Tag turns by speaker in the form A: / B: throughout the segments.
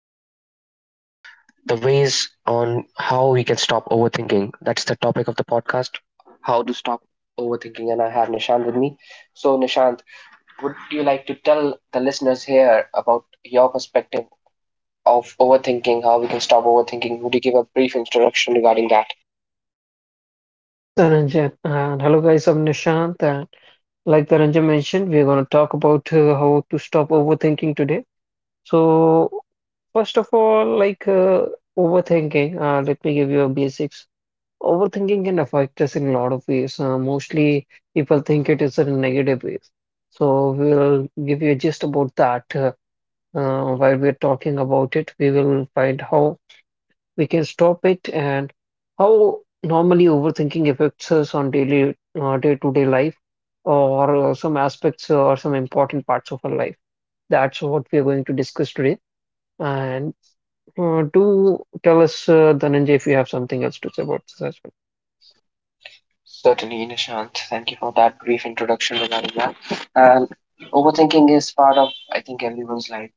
A: we are going to talk about the ways on how we can stop overthinking. That's the topic of the podcast, how to stop overthinking. And I have Nishant with me. So, Nishant, would you like to tell the listeners here about your perspective of overthinking, how we can stop overthinking? Would you give a brief introduction regarding that?
B: Yes, Dhananjay. And hello, guys. I'm Nishant. And like Dhananjay mentioned, we're going to talk about how to stop overthinking today. So, first of all, overthinking, let me give you a basics. Overthinking can affect us in a lot of ways. Mostly, people think it is in negative ways. So, we'll give you a gist about that while we're talking about it. We will find how we can stop it, and how normally overthinking affects us on daily day-to-day life or some aspects or some important parts of our life. That's what we are going to discuss today. And do tell us, Dhananjay, if you have something else to say about this as well.
A: Certainly, Nishant. Thank you for that brief introduction regarding that. And overthinking is part of, I think, everyone's life.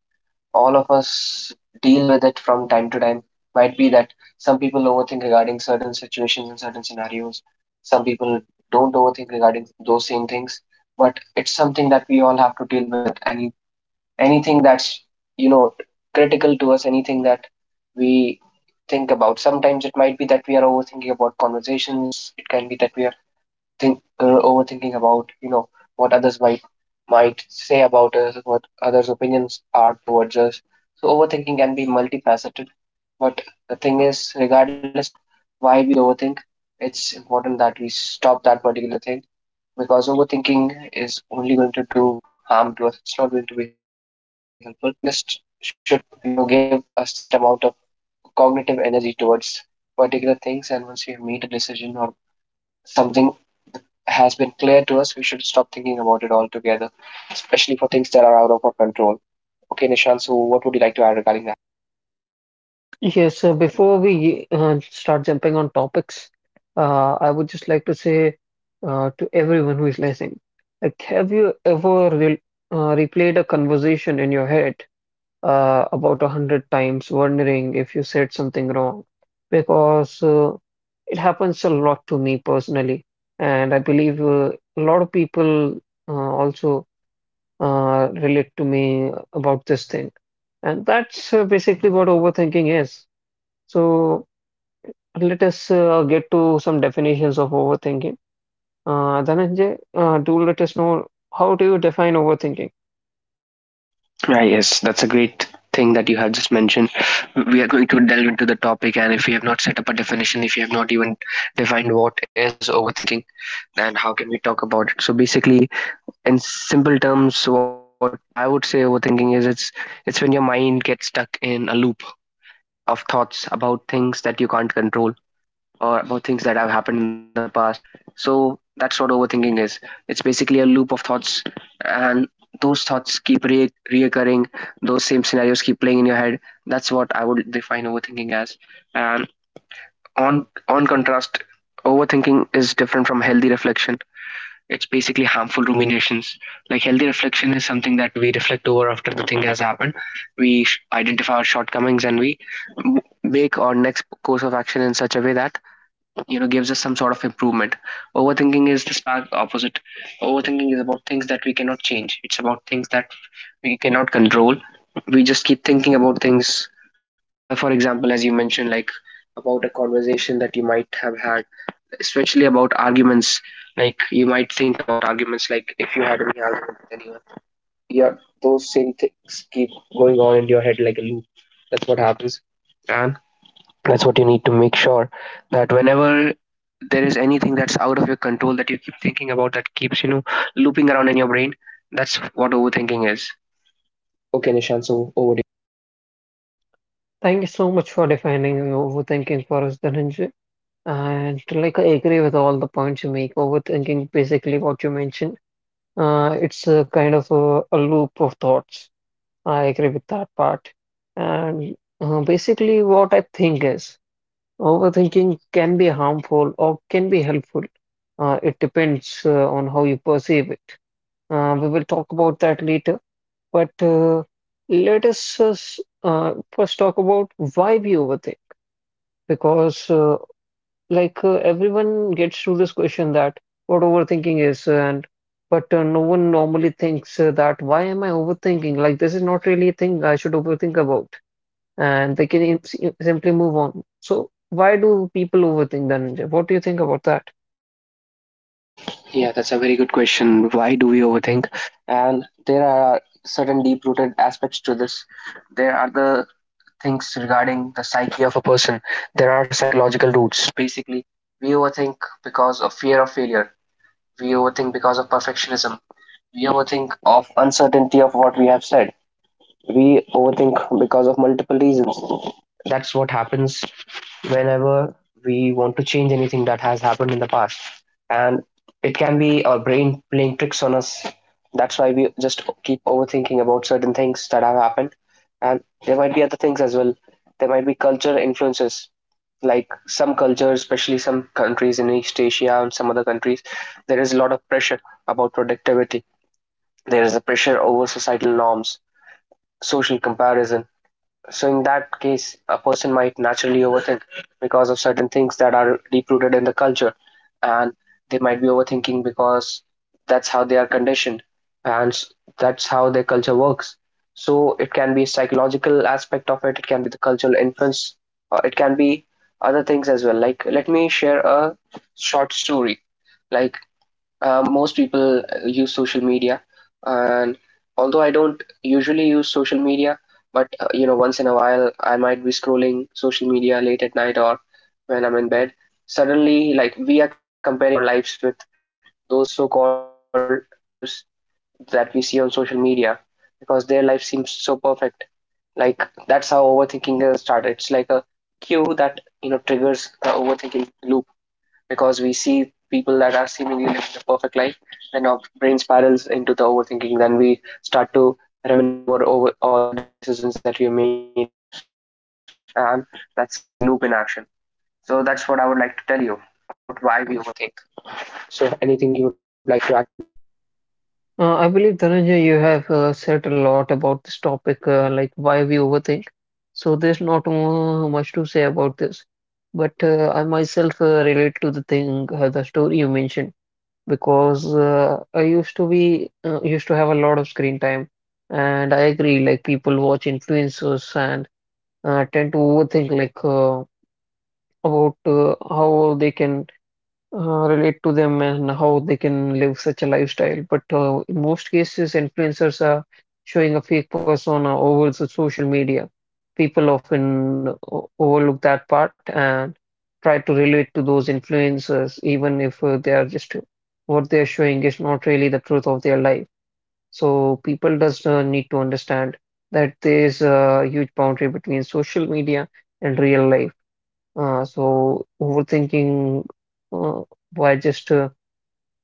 A: All of us deal with it from time to time. Might be that some people overthink regarding certain situations and certain scenarios. Some people don't overthink regarding those same things. But it's something that we all have to deal with it. Anything that's, you know, critical to us, anything that we think about. Sometimes it might be that we are overthinking about conversations. It can be that we are think overthinking about, you know, what others might say about us, what others' opinions are towards us. So overthinking can be multifaceted. But the thing is, regardless of why we overthink, it's important that we stop that particular thing because overthinking is only going to do harm to us. It's not going to be helpful. We just should, you know, give a set amount of cognitive energy towards particular things, and once we have made a decision or something has been clear to us, we should stop thinking about it altogether, especially for things that are out of our control. Okay, Nishant, so what would you like to add regarding that?
B: Yes, so before we start jumping on topics, I would just like to say to everyone who is listening, like, have you ever re replayed a conversation in your head about 100 times, wondering if you said something wrong, because it happens a lot to me personally, and I believe a lot of people also relate to me about this thing, and that's basically what overthinking is. So let us get to some definitions of overthinking. Dhananjay, do let us know, how do you define overthinking?
A: Ah, yes, that's a great thing that you have just mentioned. We are going to delve into the topic, and if we have not set up a definition, if you have not even defined what is overthinking, then how can we talk about it? So basically, in simple terms, what I would say overthinking is, it's when your mind gets stuck in a loop of thoughts about things that you can't control or about things that have happened in the past. So that's what overthinking is. It's basically a loop of thoughts, and those thoughts keep reoccurring. Those same scenarios keep playing in your head. That's what I would define overthinking as. And on contrast, overthinking is different from healthy reflection. It's basically harmful ruminations. Like, healthy reflection is something that we reflect over after the thing has happened. We identify our shortcomings, and we make our next course of action in such a way that, you know, gives us some sort of improvement. Overthinking is the stark opposite. Overthinking is about things that we cannot change. It's about things that we cannot control. We just keep thinking about things. For example, as you mentioned, like about a conversation that you might have had, especially about arguments. Like, you might think about arguments, like if you had any argument with anyone, yeah, those same things keep going on in your head like a loop. That's what happens. And that's what you need to make sure, that whenever there is anything that's out of your control that you keep thinking about, that keeps, you know, looping around in your brain, that's what overthinking is. Okay, Nishan, so over.
B: Thank you so much for defining overthinking for us, Dhananjay. And like I agree with all the points you make. Overthinking, basically what you mentioned, it's a kind of a loop of thoughts. I agree with that part. And basically, what I think is overthinking can be harmful or can be helpful. It depends on how you perceive it. We will talk about that later. But let us first talk about why we overthink. Because everyone gets through this question that what overthinking is, and but no one normally thinks that, why am I overthinking? Like, this is not really a thing I should overthink about, and they can simply move on. So why do people overthink, Dhananjay? What do you think about that?
A: Yeah, that's a very good question. Why do we overthink? And there are certain deep rooted aspects to this. There are the things regarding the psyche of a person, there are psychological roots. Basically, we overthink because of fear of failure, we overthink because of perfectionism, we overthink of uncertainty of what we have said, we overthink because of multiple reasons. That's what happens whenever we want to change anything that has happened in the past. And it can be our brain playing tricks on us. That's why we just keep overthinking about certain things that have happened. And there might be other things as well. There might be culture influences. Like, some cultures, especially some countries in East Asia and some other countries, there is a lot of pressure about productivity. There is a pressure over societal norms, social comparison. So in that case, a person might naturally overthink because of certain things that are deep rooted in the culture, and they might be overthinking because that's how they are conditioned, and that's how their culture works. So it can be a psychological aspect of it, it can be the cultural influence, or it can be other things as well. Like, let me share a short story. Like, most people use social media, and although I don't usually use social media, but, you know, once in a while I might be scrolling social media late at night or when I'm in bed. Suddenly, like, we are comparing our lives with those so-called influencers that we see on social media because their life seems so perfect. Like, that's how overthinking has started. It's like a cue that, you know, triggers the overthinking loop because we see people that are seemingly living the perfect life, then our brain spirals into the overthinking. Then we start to reminisce over all the decisions that we made. And that's the overthinking loop in action. So that's what I would like to tell you about why we overthink. So anything you would like to add to that, Michelle?
B: I believe Dhananjay, you have said a lot about this topic, like why we overthink. So there's not much to say about this, but I myself relate to the thing, the story you mentioned. Because I used to have a lot of screen time, and I agree. Like, people watch influencers and tend to overthink like about how they can relate to them and how they can live such a lifestyle. But in most cases, influencers are showing a fake persona over the social media. People often overlook that part and try to relate to those influencers, even if they are just, what they are showing is not really the truth of their life. So people does need to understand that there is a huge boundary between social media and real life. Uh, so overthinking uh, by just uh,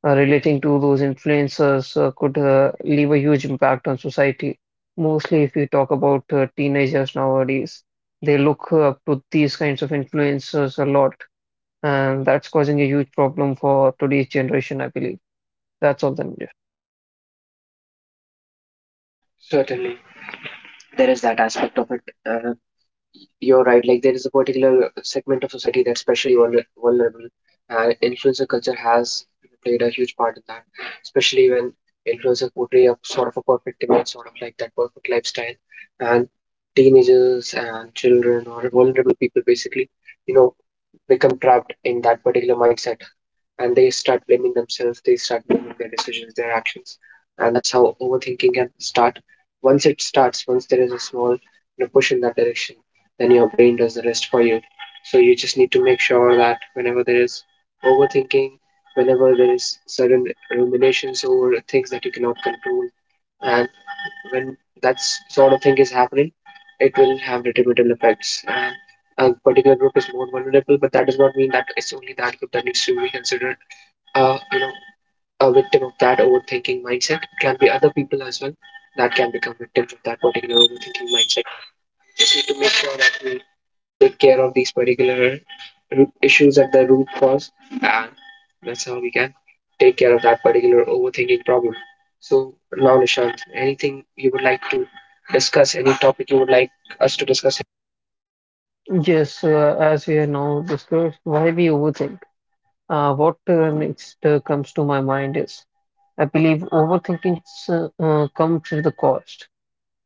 B: uh, relating to those influencers could leave a huge impact on society. Mostly, if you talk about teenagers nowadays, they look up to these kinds of influencers a lot, and that's causing a huge problem for today's generation, I believe. That's all then.
A: Certainly. There is that aspect of it. Uh, you're right, like there is a particular segment of society that's especially vulnerable, and influencer culture has played a huge part in that, especially when influencers portray a sort of a perfect image, sort of like that perfect lifestyle. And teenagers and children, or vulnerable people basically, you know, become trapped in that particular mindset, and they start blaming themselves, they start blaming their decisions, their actions. And that's how overthinking can start. Once it starts, once there is a small, you know, push in that direction, then your brain does the rest for you. So you just need to make sure that whenever there is overthinking, whenever there is certain ruminations over things that you cannot control, and when that sort of thing is happening, it will have detrimental effects. And a particular group is more vulnerable, but that does not mean that it's only that group that needs to be considered, you know, a victim of that overthinking mindset. It can be other people as well that can become victims of that particular overthinking mindset. Just need to make sure that we take care of these particular root issues at the root cause, and that's how we can take care of that particular overthinking problem. So now, Nishant, anything you would like to discuss, any topic you would like us to discuss?
B: Yes, as we are now discussed, why we overthink. What next comes to my mind is, I believe overthinking comes with the cost,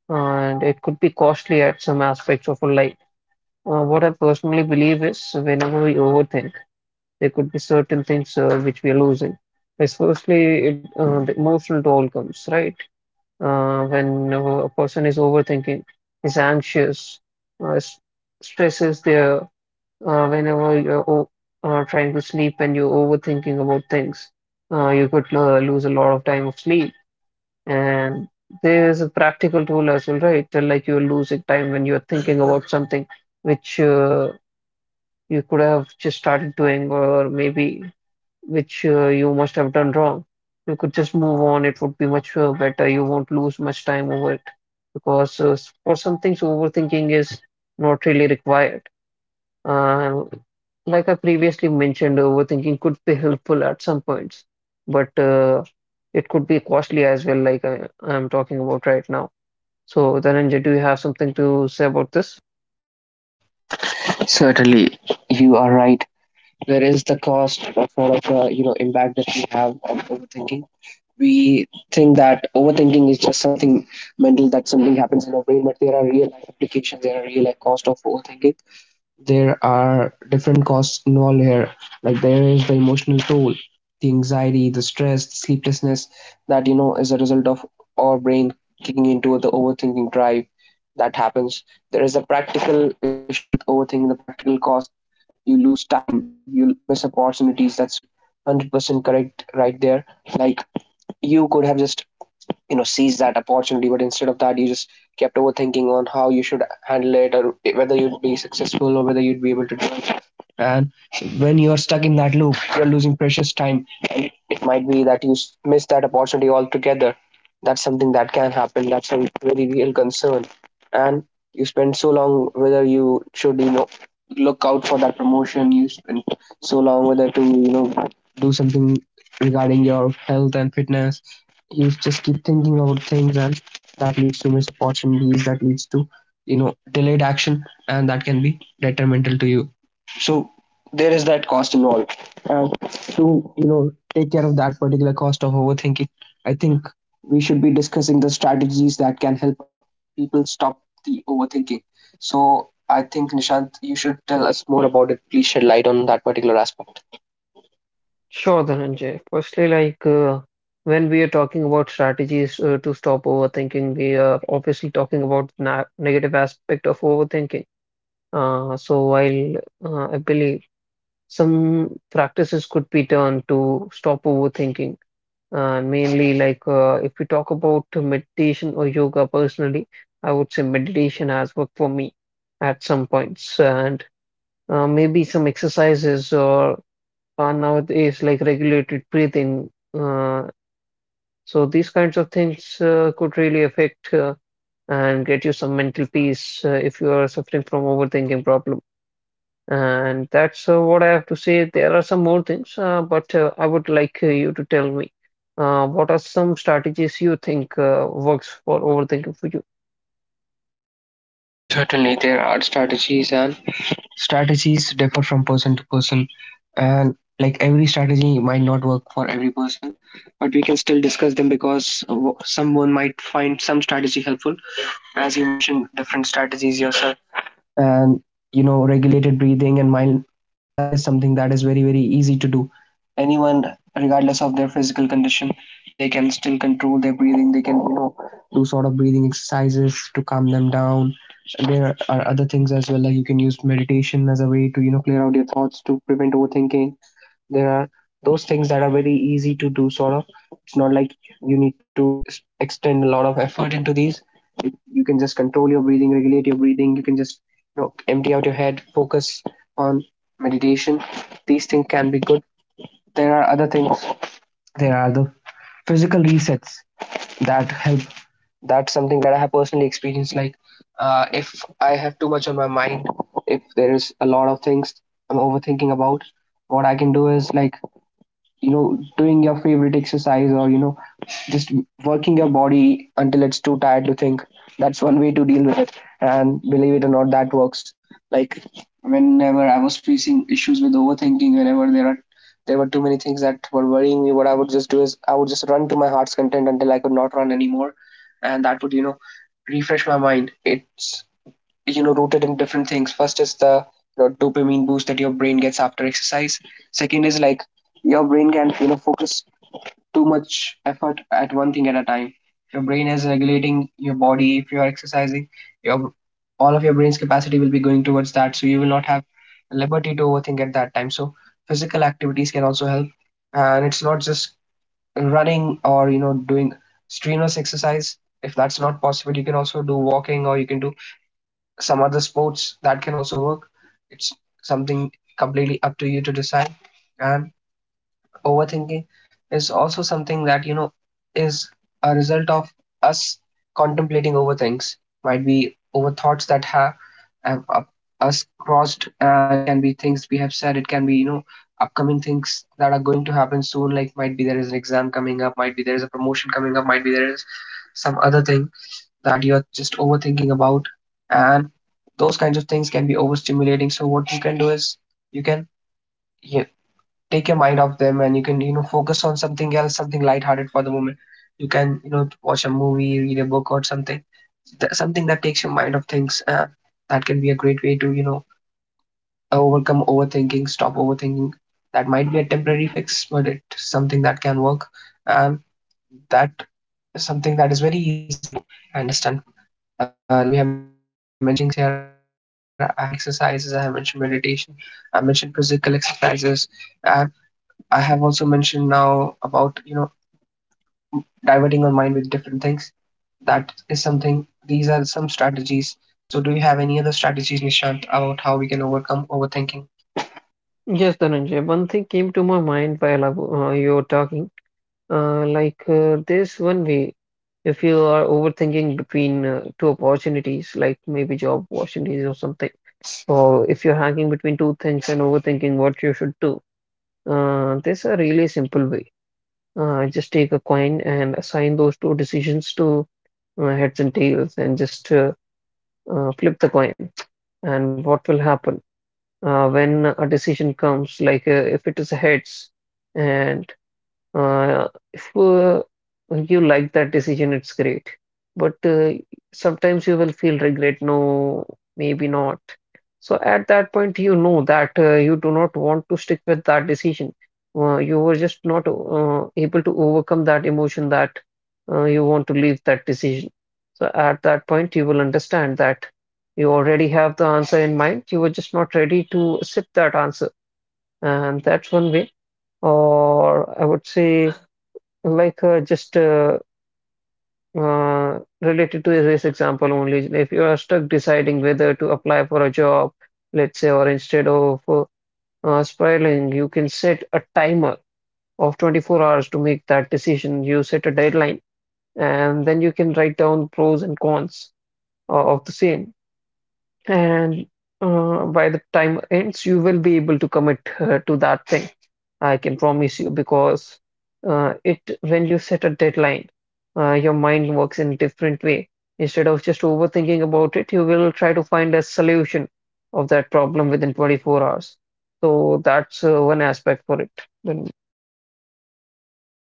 B: and it could be costly at some aspects of our life. What I personally believe is, whenever we overthink, there could be certain things which we are losing. Because firstly, the emotional toll comes, right? When a person is overthinking, is anxious, uh, s- stress is there. Whenever you're o trying to sleep and you're overthinking about things, you could lose a lot of time of sleep, and there's a practical tool as well, right? Till, like, you're losing time when you're thinking about something which you could have just started doing, or maybe which you must have done wrong. You could just move on, it would be much better. You won't lose much time over it, because for some things, overthinking is not really required. Um, like I previously mentioned, overthinking could be helpful at some points, but it could be costly as well, like I'm talking about right now. So, Dhananjay, do you have something to say about this?
A: Certainly, you are right. There is the cost of sort of, you know, impact that we have on overthinking. We think that overthinking is just something mental, that something happens in our brain, but there are real life applications, there are real life cost of overthinking. There are different costs involved here. Like, there is the emotional toll, the anxiety, the stress, the sleeplessness that, you know, is a result of our brain kicking into the overthinking drive. That happens. There is a practical issue with overthinking, the practical cost. You lose time, you miss opportunities. That's 100% correct right there. Like, you could have just, you know, seized that opportunity, but instead of that, you just kept overthinking on how you should handle it, or whether you'd be successful, or whether you'd be able to do. And when you're stuck in that loop, you're losing precious time. And it might be that you miss that opportunity altogether. That's something that can happen. That's a very real concern. And you spend so long whether you should, you know, look out for that promotion. You spend so long whether to, you know, do something regarding your health and fitness. You just keep thinking about things, and that leads to missed opportunities, that leads to, delayed action, and that can be detrimental to you. So there is that cost involved, and to take care of that particular cost of overthinking, I think we should be discussing the strategies that can help people stop the overthinking. So I think Nishant, you should tell us more about it. Please shed light on that particular aspect.
B: Sure, Dhananjay. Firstly, like when we are talking about strategies to stop overthinking, we are obviously talking about na negative aspect of overthinking. So while I believe some practices could be done to stop overthinking. Mainly, like if we talk about meditation or yoga personally, I would say meditation has worked for me at some points, and maybe some exercises or are nowadays like regulated breathing. Uh, so these kinds of things could really affect and get you some mental peace if you are suffering from overthinking problem. And that's what I have to say. There are some more things, but I would like you to tell me what are some strategies you think works for overthinking for you?
A: Certainly, there are strategies, and strategies differ from person to person, and like every strategy might not work for every person, but we can still discuss them because someone might find some strategy helpful. As you mentioned different strategies yourself, and regulated breathing and mind, that is something that is very very easy to do. Anyone, regardless of their physical condition, they can still control their breathing. They can do sort of breathing exercises to calm them down. There are other things as well, like you can use meditation as a way to clear out your thoughts to prevent overthinking. There are those things that are very easy to do, sort of. It's not like you need to extend a lot of effort into these. You can just control your breathing, regulate your breathing. You can just empty out your head, focus on meditation. These things can be good. There are other things. There are the physical resets that help. That's something that I have personally experienced. Like, if I have too much on my mind, if there is a lot of things I'm overthinking about, what I can do is like doing your favorite exercise, or just working your body until it's too tired to think. That's one way to deal with it, and believe it or not, that works. Like, whenever I was facing issues with overthinking, whenever there were too many things that were worrying me, what I would just do is I would just run to my heart's content until I could not run anymore, and that would refresh my mind. It's rooted in different things. First is the dopamine boost that your brain gets after exercise. Second is like your brain can focus too much effort at one thing at a time. Your brain is regulating your body. If you are exercising, your, all of your brain's capacity will be going towards that, so you will not have liberty to overthink at that time. So physical activities can also help, and it's not just running or doing strenuous exercise. If that's not possible, you can also do walking, or you can do some other sports. That can also work. It's something completely up to you to decide. And overthinking is also something that, is a result of us contemplating over things. Might be over thoughts that have us crossed, and it can be things we have said, it can be, upcoming things that are going to happen soon. Like, might be there is an exam coming up, might be there is a promotion coming up, might be there is some other thing that you're just overthinking about. And those kinds of things can be overstimulating, so what you can do is you can you, take your mind off them, and you can focus on something else, something lighthearted for the moment. You can watch a movie, read a book, or something. Something that takes your mind off things, that can be a great way to overcome overthinking, stop overthinking. That might be a temporary fix, but it's something that can work. And that is something that is very easy to do. I understand. Like, we have mentioned multiple things here. I have mentioned like breathing exercises, I have mentioned meditation, I mentioned physical exercises, i, I have also mentioned now about diverting our mind with different things. That is something, these are some strategies. So do you have any other strategies, Nishant, about how we can overcome overthinking?
B: Yes, Dhananjay, one thing came to my mind while you were talking. Like, this one way, if you are overthinking between two opportunities, like maybe job opportunities or something, or if you're hanging between two things and overthinking what you should do, there's a really simple way. Just take a coin and assign those two decisions to heads and tails, and just flip the coin. And what will happen when a decision comes, like if it is heads, and uh, if you like that decision, it's great. But sometimes you will feel regret. No, maybe not. So at that point, you know that you do not want to stick with that decision. You were just not able to overcome that emotion, that you want to leave that decision. So at that point, you will understand that you already have the answer in mind. You were just not ready to accept that answer. And that's one way. Or I would say, like, just related to this example only, if you are stuck deciding whether to apply for a job, let's say, or instead of spiraling, you can set a timer of 24 hours to make that decision. You set a deadline, and then you can write down pros and cons of the same. And by the time ends, you will be able to commit to that thing. I can promise you, because it when you set a deadline, your mind works in a different way. Instead of just overthinking about it, you will try to find a solution of that problem within 24 hours. So that's one aspect for it. Then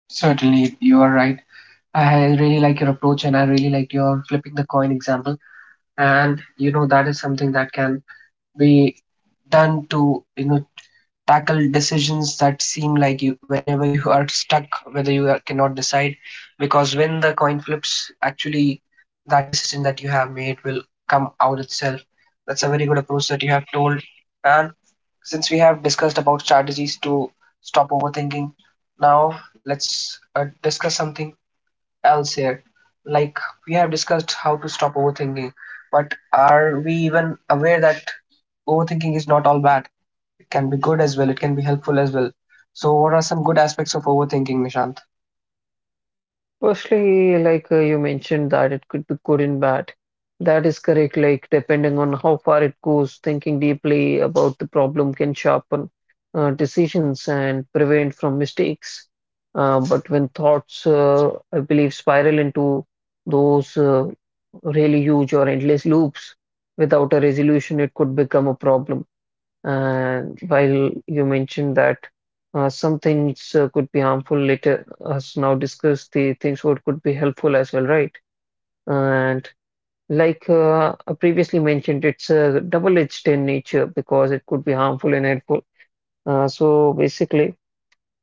A: Certainly, you are right. I really like your approach, and I really like your flipping the coin example. And that is something that can be done to tackle decisions that seem like you, whenever you are stuck, whether cannot decide. Because when the coin flips, actually, that decision that you have made will come out itself. That's a very good approach that you have told. And since we have discussed about strategies to stop overthinking, now let's discuss something else here. Like, we have discussed how to stop overthinking, but are we even aware that overthinking is not all bad? Can be good as well, it can be helpful as well. So, what are some good aspects of overthinking, Nishant?
B: firstly, like you mentioned that it could be good and bad. That is correct. Like depending on how far it goes, thinking deeply about the problem can sharpen decisions and prevent from mistakes. But when thoughts, I believe, spiral into those really huge or endless loops without a resolution, it could become a problem. And while you mentioned that some things could be harmful, later us now discuss the things what could be helpful as well, right? And like I previously mentioned, it's a double-edged in nature, because it could be harmful and helpful. So basically,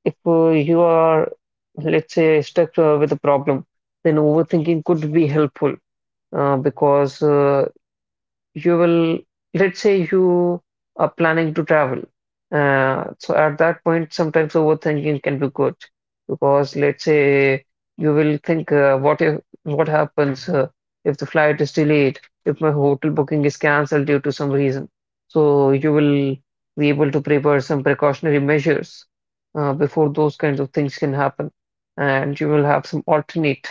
B: if you are, let's say, stuck with a problem, then overthinking could be helpful, because you will, let's say you are planning to travel, so at that point sometimes overthinking can be good, because let's say you will think what if, what happens if the flight is delayed, if my hotel booking is cancelled due to some reason. So you will be able to prepare some precautionary measures before those kinds of things can happen, and you will have some alternate,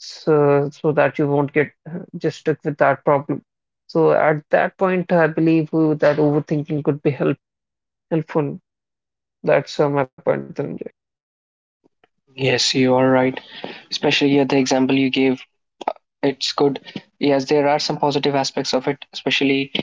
B: so that you won't get just stuck with that problem. So at that point, I believe that overthinking could be helpful. That's my point, Dhananjay.
A: Yes, you are right. Especially at the example you gave. It's good. Yes, there are some positive aspects of it, especially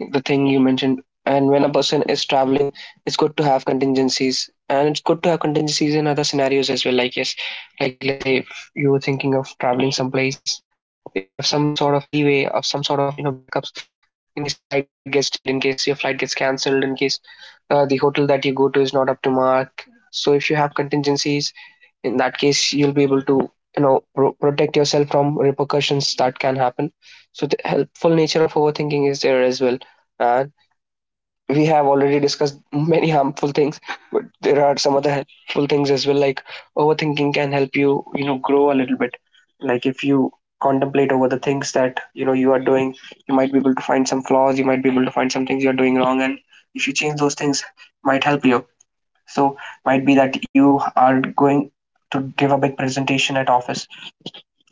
A: the thing you mentioned. And when a person is traveling, it's good to have contingencies. And it's good to have contingencies in other scenarios as well. Like, yes, like let's say if you were thinking of traveling someplace, if you have some sort of leeway, of some sort of, backups in case your flight gets delayed, in case your flight gets cancelled, in case the hotel that you go to is not up to mark. So if you have contingencies, in that case you'll be able to protect yourself from repercussions that can happen. So the helpful nature of overthinking is there as well. And we have already discussed many harmful things, but there are some other helpful things as well. Like, overthinking can help you you know grow a little bit. Like, if you contemplate over the things that you are doing, you might be able to find some flaws, you might be able to find some things you are doing wrong, and if you change those things, might help you. So, might be that you are going to give a big presentation at office,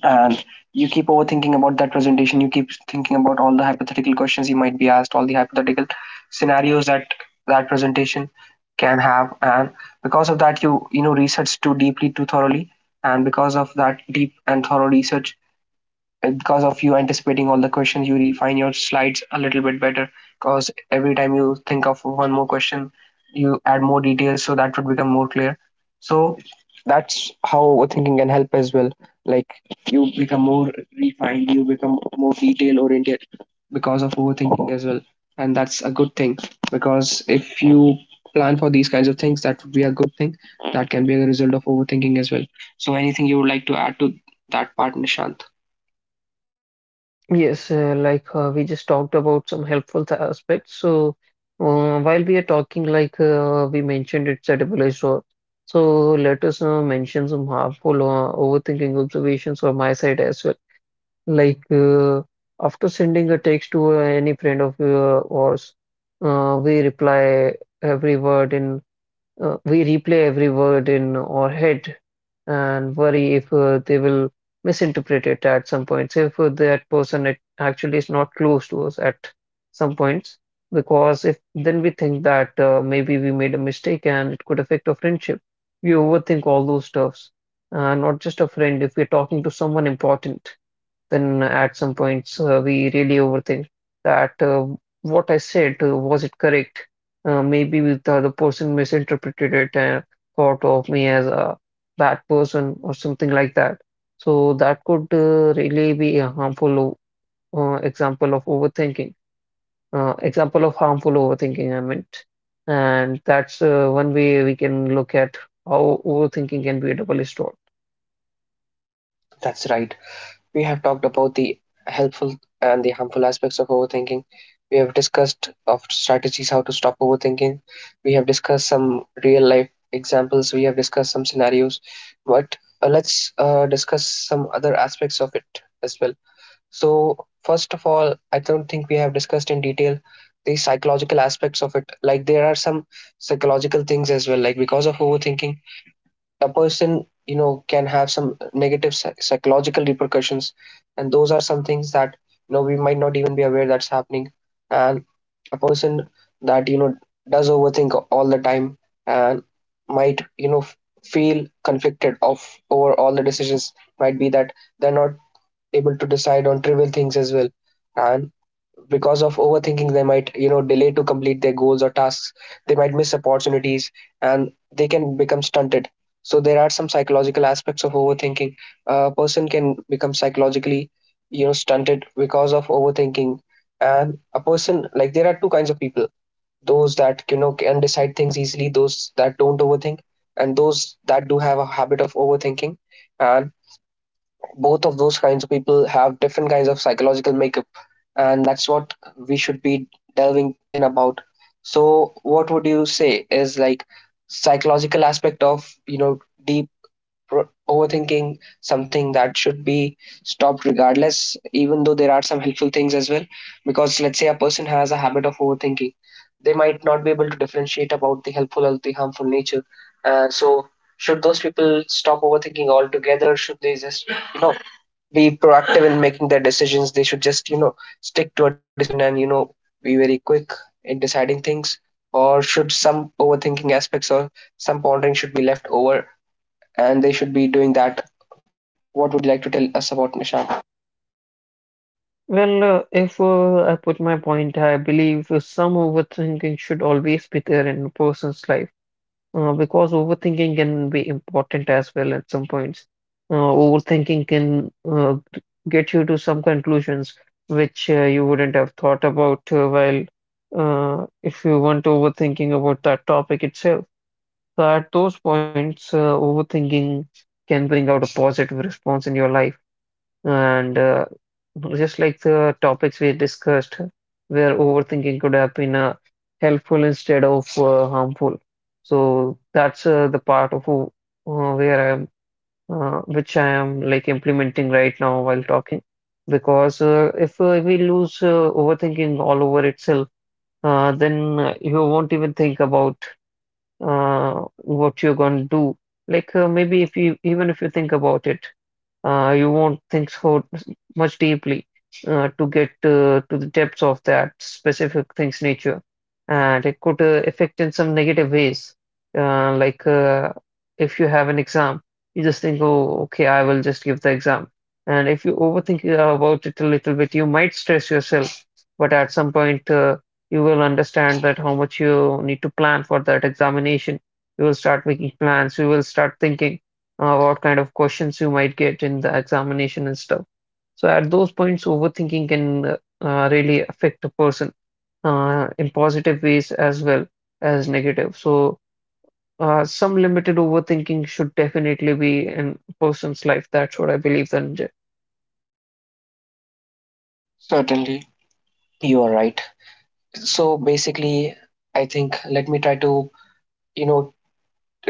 A: and you keep overthinking about that presentation. You keep thinking about all the hypothetical questions you might be asked, all the hypothetical scenarios that that presentation can have. And because of that, research too deeply, too thoroughly. And because of that deep and thorough research, because of you anticipating all the questions, you refine your slides a little bit better. Because every time you think of one more question, you add more details so that would become more clear. So that's how overthinking can help as well. Like, you become more refined, you become more detail oriented because of overthinking as well. And that's a good thing, because if you plan for these kinds of things, that would be a good thing. That can be a result of overthinking as well. So anything you would like to add to that part, Nishant?
B: Yes, we just talked about some helpful aspects. So while we are talking, like we mentioned, it's a double-edged sword. So let us mention some harmful overthinking observations from my side as well. Like uh, After sending a text to any friend of ours, uh, we reply every word in we replay every word in our head and worry if they will misinterpret it at some points if that person it actually is not close to us at some points because if then we think that maybe we made a mistake and it could affect our friendship. We overthink all those stuffs, not just a friend if we're talking to someone important. Then at some points, we really overthink that what I said, was it correct? Maybe with the other person misinterpreted it and thought of me as a bad person or something like that. So that could really be a harmful example of overthinking. Example of harmful overthinking, I meant. And that's one way we can look at how overthinking can be a double-edged sword.
A: That's right. We have talked about the helpful and the harmful aspects of overthinking. We have discussed of strategies how to stop overthinking. We have discussed some real life examples. We have discussed some scenarios. But let's discuss some other aspects of it as well. So first of all, I don't think we have discussed in detail the psychological aspects of it. Like, there are some psychological things as well. Like, because of overthinking, a person can have some psychological repercussions, and those are some things that we might not even be aware that's happening. And a person that does overthink all the time, and might feel conflicted of, over all the decisions. Might be that they're not able to decide on trivial things as well. And because of overthinking, they might delay to complete their goals or tasks, they might miss opportunities, and they can become stunted. So there are some psychological aspects of overthinking. A person can become psychologically stunted because of overthinking. And a person, like, there are two kinds of people: those that can decide things easily, those that don't overthink, and those that do have a habit of overthinking. And both of those kinds of people have different kinds of psychological makeup, and that's what we should be delving in about. So what would you say is like psychological aspect of overthinking, something that should be stopped regardless, even though there are some helpful things as well? Because let's say a person has a habit of overthinking, they might not be able to differentiate about the helpful or the harmful nature. So should those people stop overthinking altogether? Should they just, you know be proactive in making their decisions? They should just, stick to a decision and, be very quick in deciding things. Or should some overthinking aspects or some pondering should be left over, and they should be doing that? What would you like to tell us about, Nishant?
B: Well, if I put my point, I believe some overthinking should always be there in a person's life because overthinking can be important as well at some points. Overthinking can get you to some conclusions which you wouldn't have thought about while if you weren't overthinking about that topic itself. So at those points, overthinking can bring out a positive response in your life. And just like the topics we discussed, where overthinking could have been helpful instead of harmful. So that's the part of where I am, which I am like implementing right now while talking. Because if we lose overthinking all over itself, then you won't even think about what you're going to do. Like, maybe if you even if you think about it you won't think so much deeply to get to the depths of that specific thing's nature. And it could affect in some negative ways. Like, if you have an exam, you just think, oh, okay, I will just give the exam. And if you overthink about it a little bit, you might stress yourself. But at some point, you will understand that how much you need to plan for that examination. You will start making plans. You will start thinking what kind of questions you might get in the examination and stuff. So at those points, overthinking can really affect a person in positive ways as well as negative. So some limited overthinking should definitely be in a person's life. That's what I believe, Dhananjay.
A: Certainly. You are right. So basically, I think, let me try to, you know,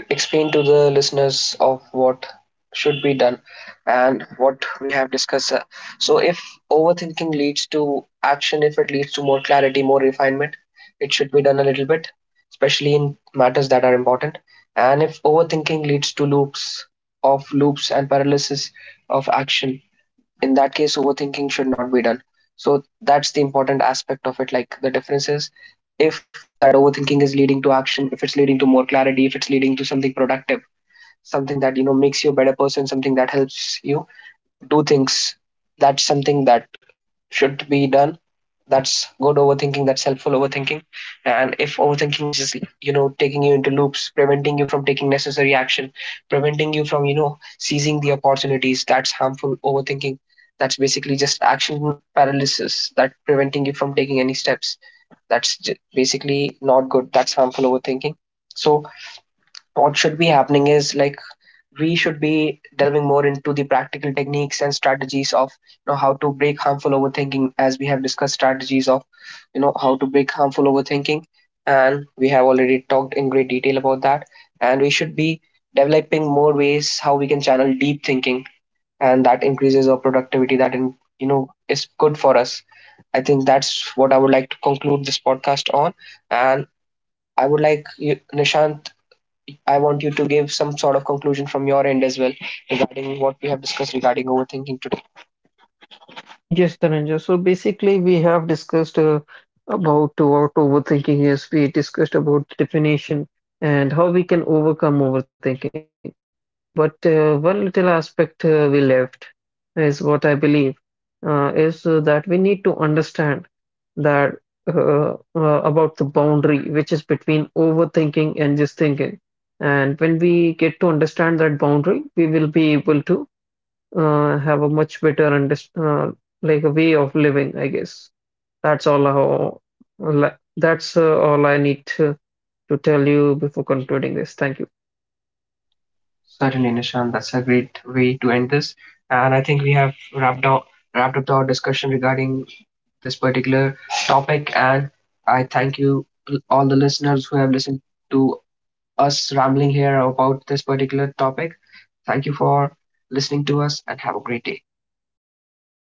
A: explain to the listeners of what should be done and what we have discussed. So, if overthinking leads to action, if it leads to more clarity, more refinement, it should be done a little bit, especially in matters that are important. And if overthinking leads to loops and paralysis of action, in that case overthinking should not be done. So that's the important aspect of it. Like, the difference is, if that overthinking is leading to action, if it's leading to more clarity, if it's leading to something productive, something that makes you a better person, something that helps you do things, that's something that should be done. That's good overthinking, that's helpful overthinking. And if overthinking is just taking you into loops, preventing you from taking necessary action, preventing you from seizing the opportunities, that's harmful overthinking. That's basically just action paralysis, that preventing you from taking any steps. Basically not good, that's harmful overthinking. So, what should be happening is like, we should be delving more into the practical techniques and strategies of how to break harmful overthinking. As we have discussed, strategies of how to break harmful overthinking, and we have already talked in great detail about that. And we should be developing more ways how we can channel deep thinking, and that increases our productivity, that is good for us. I think that's what I would like to conclude this podcast on. And I would like you, Nishant, I want you to give some sort of conclusion from your end as well, regarding what we have discussed regarding overthinking today.
B: Yes, Dhananjay. So basically, we have discussed about what overthinking is. We discussed about the definition and how we can overcome overthinking. But one little aspect we left is what I believe is that we need to understand that uh, uh, about the boundary which is between overthinking and just thinking. And when we get to understand that boundary, we will be able to have a much better understand, like a way of living, I guess. That's all how, that's all I need to tell you before concluding this. Thank you.
A: Certainly, Nishan, that's a great way to end this. And I think we have wrapped up our discussion regarding this particular topic. And I thank you all the listeners who have listened to us rambling here about this particular topic. Thank you for listening to us, and have a great day.